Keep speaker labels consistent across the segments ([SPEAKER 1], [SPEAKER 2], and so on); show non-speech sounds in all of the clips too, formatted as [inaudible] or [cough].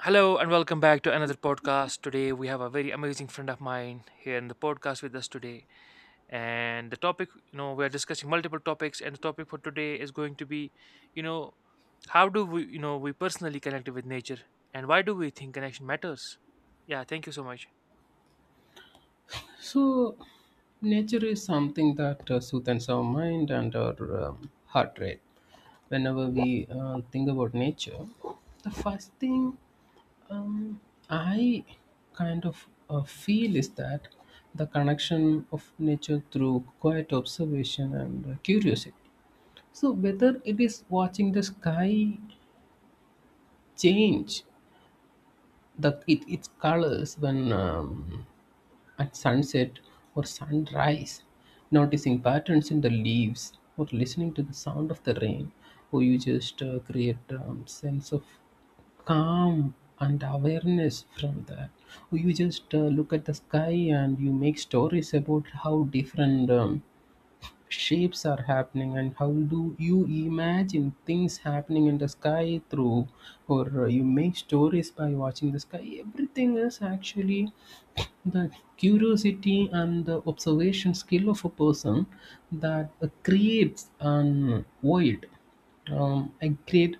[SPEAKER 1] Hello and welcome back to another podcast. Today we have a very amazing friend of mine here in the podcast with us today. And the topic, we are discussing multiple topics, and the topic for today is going to be, you know, how do we personally connect with nature, and why do we think connection matters? Yeah, thank you so much.
[SPEAKER 2] So, nature is something that soothes our mind and our heart rate. Whenever we think about nature, the first thing um, I kind of feel is that the connection of nature through quiet observation and curiosity. So, whether it is watching the sky change its colors when at sunset or sunrise, noticing patterns in the leaves, or listening to the sound of the rain, or you just create sense of calm and awareness from that. Or you just look at the sky and you make stories about how different shapes are happening and how do you imagine things happening in the sky through or you make stories by watching the sky. Everything is actually the curiosity and the observation skill of a person that creates an world, a great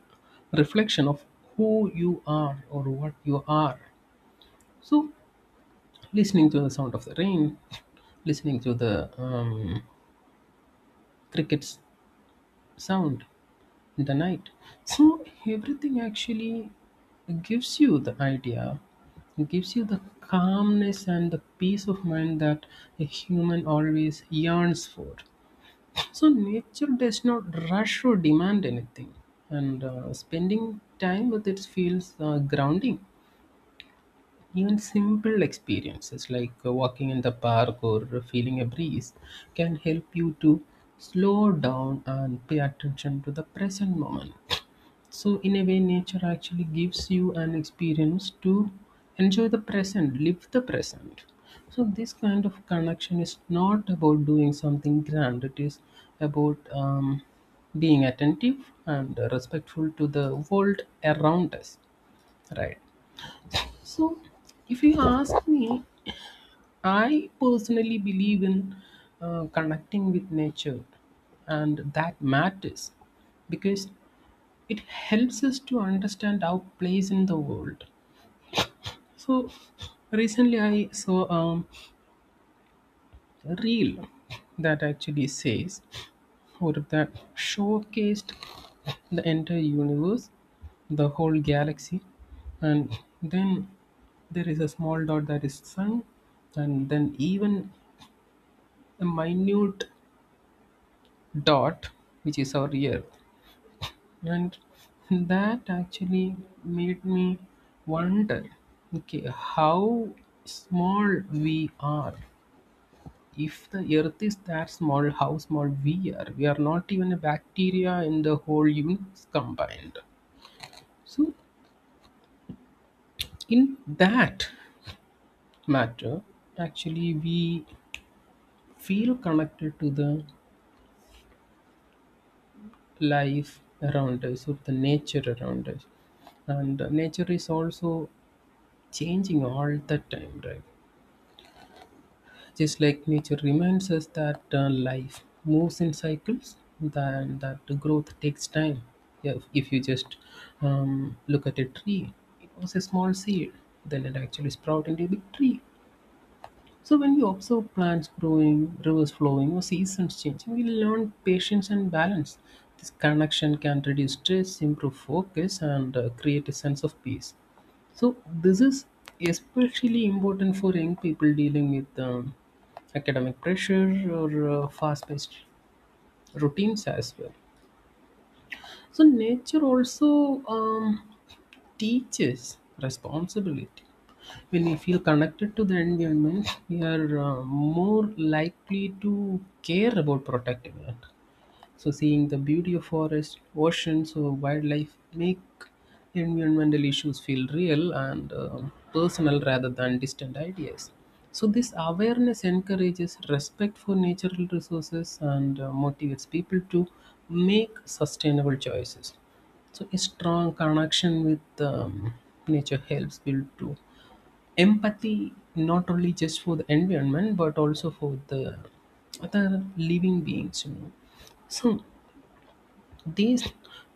[SPEAKER 2] reflection of who you are or what you are. So listening to the sound of the rain, listening to the cricket's sound the night. So everything actually gives you the idea, gives you the calmness and the peace of mind that a human always yearns for. So nature does not rush or demand anything, and spending time with it feels grounding. Even simple experiences like walking in the park or feeling a breeze can help you to slow down and pay attention to the present moment. So, in a way, nature actually gives you an experience to enjoy the present, live the present. So, this kind of connection is not about doing something grand, it is about being attentive and respectful to the world around us, right? So, if you ask me, I personally believe in connecting with nature, and that matters because it helps us to understand our place in the world. So recently I saw a reel that actually says or that showcased the entire universe, the whole galaxy, and then there is a small dot that is sun, and then even a minute dot which is our earth. And that actually made me wonder, okay, how small we are. If the earth is that small, how small we are. We are not even a bacteria in the whole universe combined. So, in that matter, actually, we feel connected to the life around us, or the nature around us. And nature is also changing all the time, right? Just like nature reminds us that life moves in cycles, that growth takes time. Yeah, if you just look at a tree, it was a small seed, then it actually sprouted into a big tree. So when we observe plants growing, rivers flowing, or seasons changing, we learn patience and balance. This connection can reduce stress, improve focus, and create a sense of peace. So this is especially important for young people dealing with academic pressure or fast-paced routines as well. So nature also, teaches responsibility. When we feel connected to the environment, we are more likely to care about protecting it. So seeing the beauty of forests, oceans, or wildlife make environmental issues feel real and personal rather than distant ideas. So this awareness encourages respect for natural resources and motivates people to make sustainable choices. So a strong connection with nature helps build to empathy, not only just for the environment but also for the other living beings, you know. So these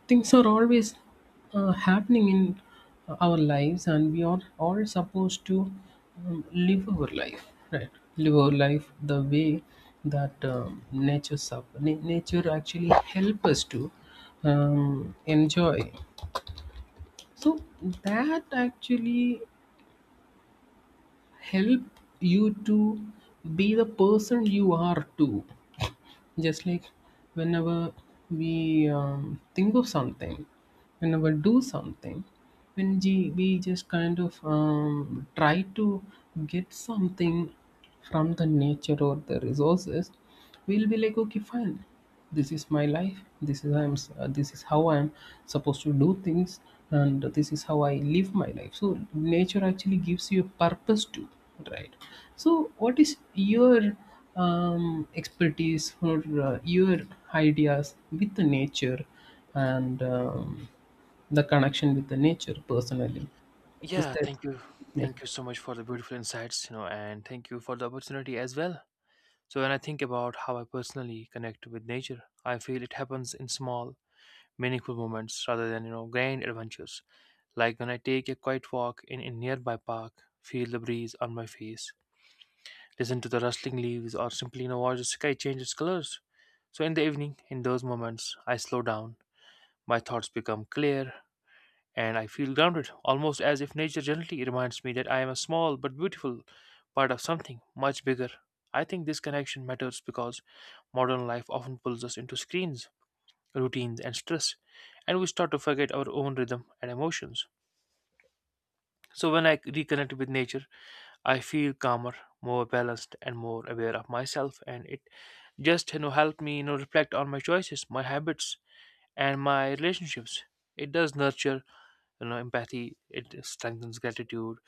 [SPEAKER 2] things are always happening in our lives, and we are all supposed to live our life, right, live our life the way that nature actually help us to enjoy. So that actually help you to be the person you are too. Just like whenever we think of something, whenever do something, when we just kind of try to get something from the nature or the resources, we'll be like, okay, fine. This is my life. This is how I'm supposed to do things, and this is how I live my life. So nature actually gives you a purpose too, right? So what is your expertise or your ideas with the nature, and the connection with the nature personally? Is
[SPEAKER 1] Yeah,
[SPEAKER 2] that,
[SPEAKER 1] thank you.
[SPEAKER 2] yeah?
[SPEAKER 1] Thank you so much for the beautiful insights, and thank you for the opportunity as well. So when I think about how I personally connect with nature, I feel it happens in small meaningful moments rather than grand adventures. Like when I take a quiet walk in a nearby park, feel the breeze on my face, listen to the rustling leaves, or simply watch the sky change its colors. So in the evening, in those moments, I slow down. My thoughts become clear, and I feel grounded, almost as if nature gently reminds me that I am a small but beautiful part of something much bigger. I think this connection matters because modern life often pulls us into screens, routines, and stress, and we start to forget our own rhythm and emotions. So, when I reconnect with nature, I feel calmer, more balanced, and more aware of myself, and it just help me reflect on my choices, my habits, and my relationships. It does nurture empathy. It strengthens gratitude,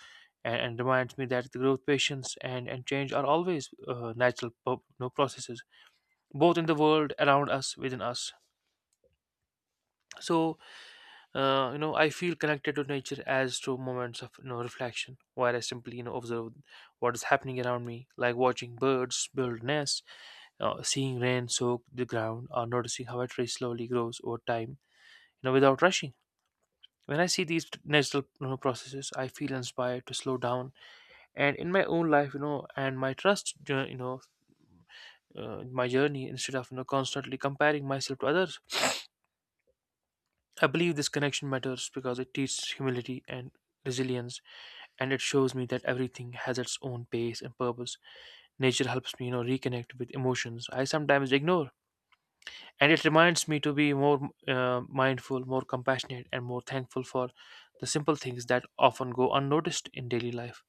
[SPEAKER 1] and reminds me that the growth, patience, and change are always natural processes, both in the world around us, within us. So I feel connected to nature as through moments of reflection, where I simply observe what is happening around me, like watching birds build nests, seeing rain soak the ground, or noticing how a tree slowly grows over time, without rushing. When I see these natural processes, I feel inspired to slow down, and in my own life, and my trust, my journey, instead of constantly comparing myself to others. I believe this connection matters because it teaches humility and resilience, and it shows me that everything has its own pace and purpose. Nature helps me, reconnect with emotions I sometimes ignore, and it reminds me to be more mindful, more compassionate, and more thankful for the simple things that often go unnoticed in daily life.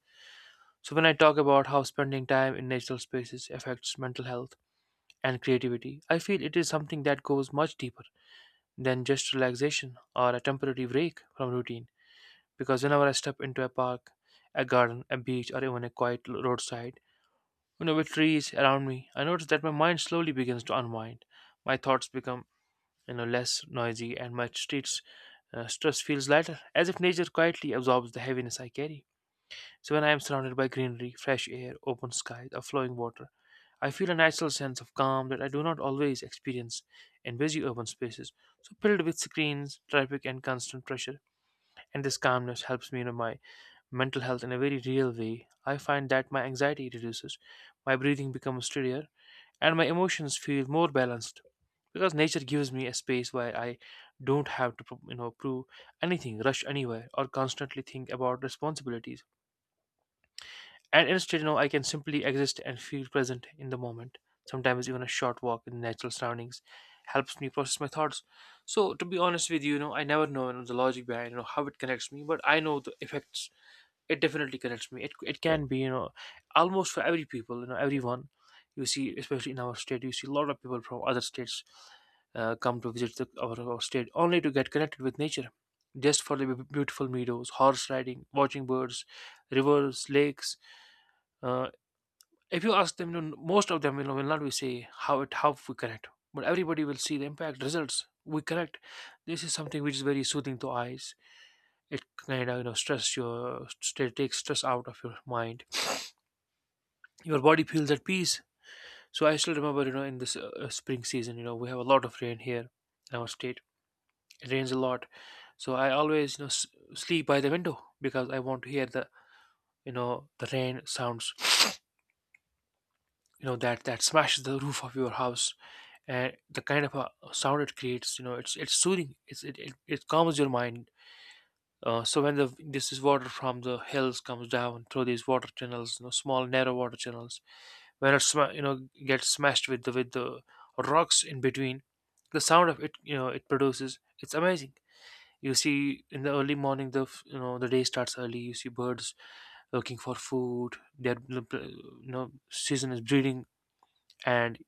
[SPEAKER 1] So when I talk about how spending time in natural spaces affects mental health and creativity, I feel it is something that goes much deeper than just relaxation or a temporary break from routine. Because whenever I step into a park, a garden, a beach, or even a quiet roadside, with trees around me, I notice that my mind slowly begins to unwind. My thoughts become, less noisy, and my streets stress feels lighter, as if nature quietly absorbs the heaviness I carry. So when I am surrounded by greenery, fresh air, open skies, or flowing water, I feel a natural sense of calm that I do not always experience in busy urban spaces, so filled with screens, traffic, and constant pressure. And this calmness helps me in my mental health in a very real way. I find that my anxiety reduces, my breathing becomes steadier, and my emotions feel more balanced, because nature gives me a space where I don't have to, prove anything, rush anywhere, or constantly think about responsibilities. And instead, I can simply exist and feel present in the moment. Sometimes even a short walk in natural surroundings helps me process my thoughts. So to be honest with you, I never know, the logic behind how it connects me, but I know the effects. It definitely connects me. It can be almost for every people, everyone. You see, especially in our state, you see a lot of people from other states come to visit our state only to get connected with nature, just for the beautiful meadows, horse riding, watching birds, rivers, lakes. Uh, if you ask them, most of them will not be say how it, how we connect, but everybody will see the impact results we connect. This is something which is very soothing to eyes. It kind of stress your takes stress out of your mind. Your body feels at peace. So I still remember, in this spring season, we have a lot of rain here in our state. It rains a lot, so I always sleep by the window because I want to hear the rain sounds that smashes the roof of your house, and the kind of a sound it creates, it's soothing It calms your mind. So when the this is water from the hills comes down through these water channels, small narrow water channels, when it gets smashed with the rocks in between, the sound of it, it produces, it's amazing. You see in the early morning, the day starts early, you see birds looking for food, their season is breeding, and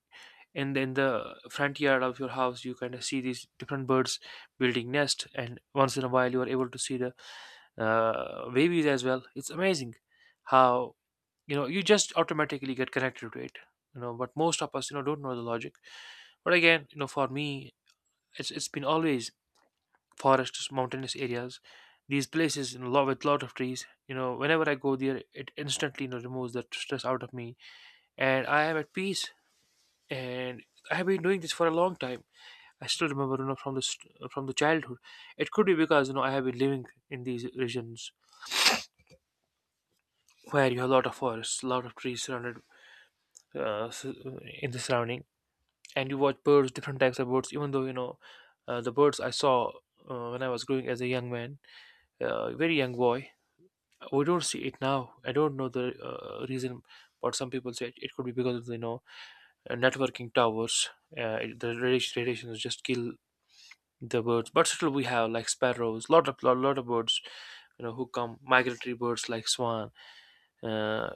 [SPEAKER 1] and then the front yard of your house, you kind of see these different birds building nest, and once in a while you are able to see the babies as well. It's amazing how, you just automatically get connected to it. But most of us, don't know the logic. But again, for me, it's been always forests, mountainous areas, these places, lot with lot of trees. Whenever I go there, it instantly removes that stress out of me, and I am at peace. And I have been doing this for a long time. I still remember, you know, from this from the childhood. It could be because I have been living in these regions where you have a lot of forests, a lot of trees surrounded, uh, s- in the surrounding, and you watch birds, different types of birds. Even though, the birds I saw when I was growing as a young man, very young boy, we don't see it now. I don't know the reason, but some people say it could be because of networking towers. The radiation just kill the birds. But still we have like sparrows, lot of birds, who come, migratory birds like swan. uh,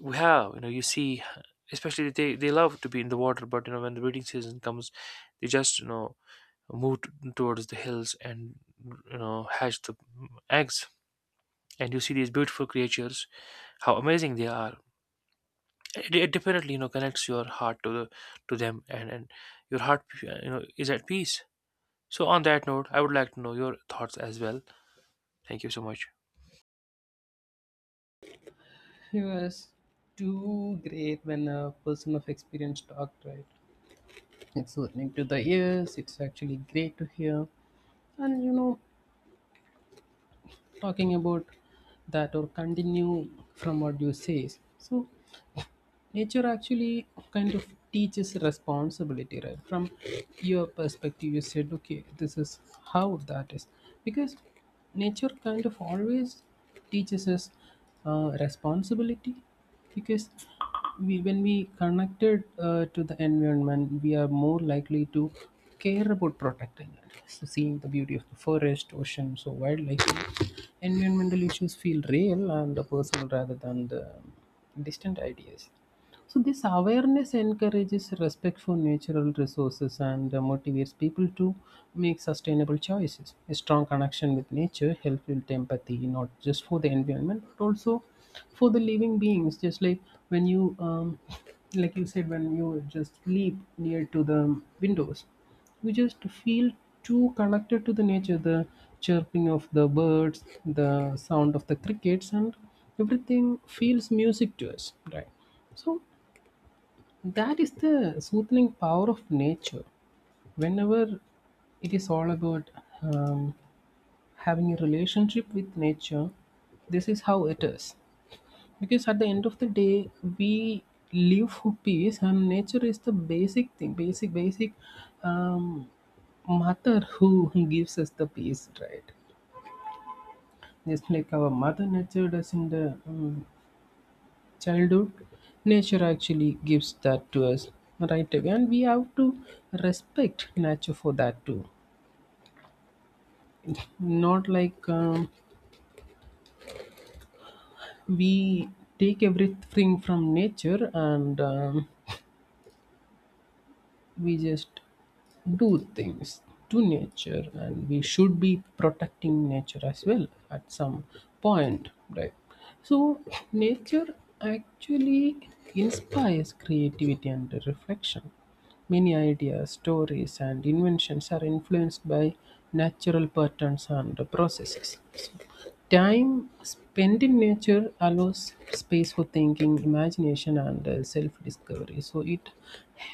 [SPEAKER 1] we have, you see, especially they love to be in the water. But when the breeding season comes, they just move towards the hills and hatch the eggs, and you see these beautiful creatures, how amazing they are. It definitely connects your heart to them and your heart, is at peace. So on that note, I would like to know your thoughts as well. Thank you so much.
[SPEAKER 2] He was too great when a person of experience talked, right? It's soothing to the ears, it's actually great to hear. And you know, talking about that or continue from what you say, so nature actually kind of teaches responsibility. Right from your perspective, you said, okay, this is how that is, because nature kind of always teaches us responsibility, because we, when we connected to the environment, we are more likely to care about protecting it. So seeing the beauty of the forest, oceans, or wildlife, environmental issues feel real and the personal rather than the distant ideas. So this awareness encourages respect for natural resources and motivates people to make sustainable choices. A strong connection with nature helps build empathy, not just for the environment, but also for the living beings. Just like when you, like you said, when you just sleep near to the windows, you just feel too connected to the nature. The chirping of the birds, the sound of the crickets, and everything feels music to us, right? So that is the soothing power of nature. Whenever it is all about um, having a relationship with nature, this is how it is. Because at the end of the day, we live for peace, and nature is the basic thing, basic um, mother who [laughs] gives us the peace, right? Just like our mother nature does not the childhood, nature actually gives that to us right away, and we have to respect nature for that too. Not like we take everything from nature and we just do things to nature, and we should be protecting nature as well at some point, right? So nature actually inspires creativity and reflection. Many ideas, stories, and inventions are influenced by natural patterns and processes. Time spent in nature allows space for thinking, imagination, and self discovery. So it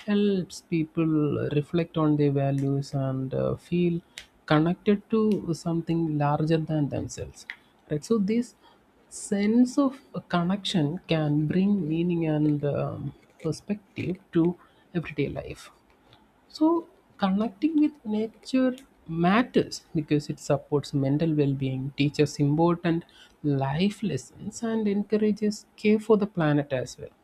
[SPEAKER 2] helps people reflect on their values and feel connected to something larger than themselves, right? So, this sense of connection can bring meaning and perspective to everyday life. So connecting with nature matters because it supports mental well-being, teaches important life lessons, and encourages care for the planet as well.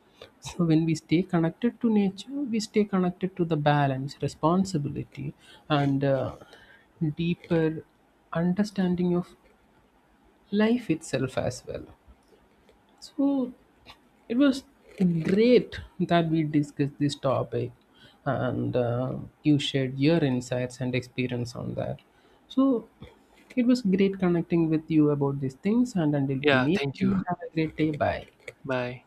[SPEAKER 2] So when we stay connected to nature, we stay connected to the balance, responsibility, and deeper understanding of life itself as well. So it was great that we discussed this topic and you shared your insights and experience on that. So it was great connecting with you about these things. And until we
[SPEAKER 1] Yeah,
[SPEAKER 2] meet,
[SPEAKER 1] thank you.
[SPEAKER 2] you have a great day. Bye.
[SPEAKER 1] Bye.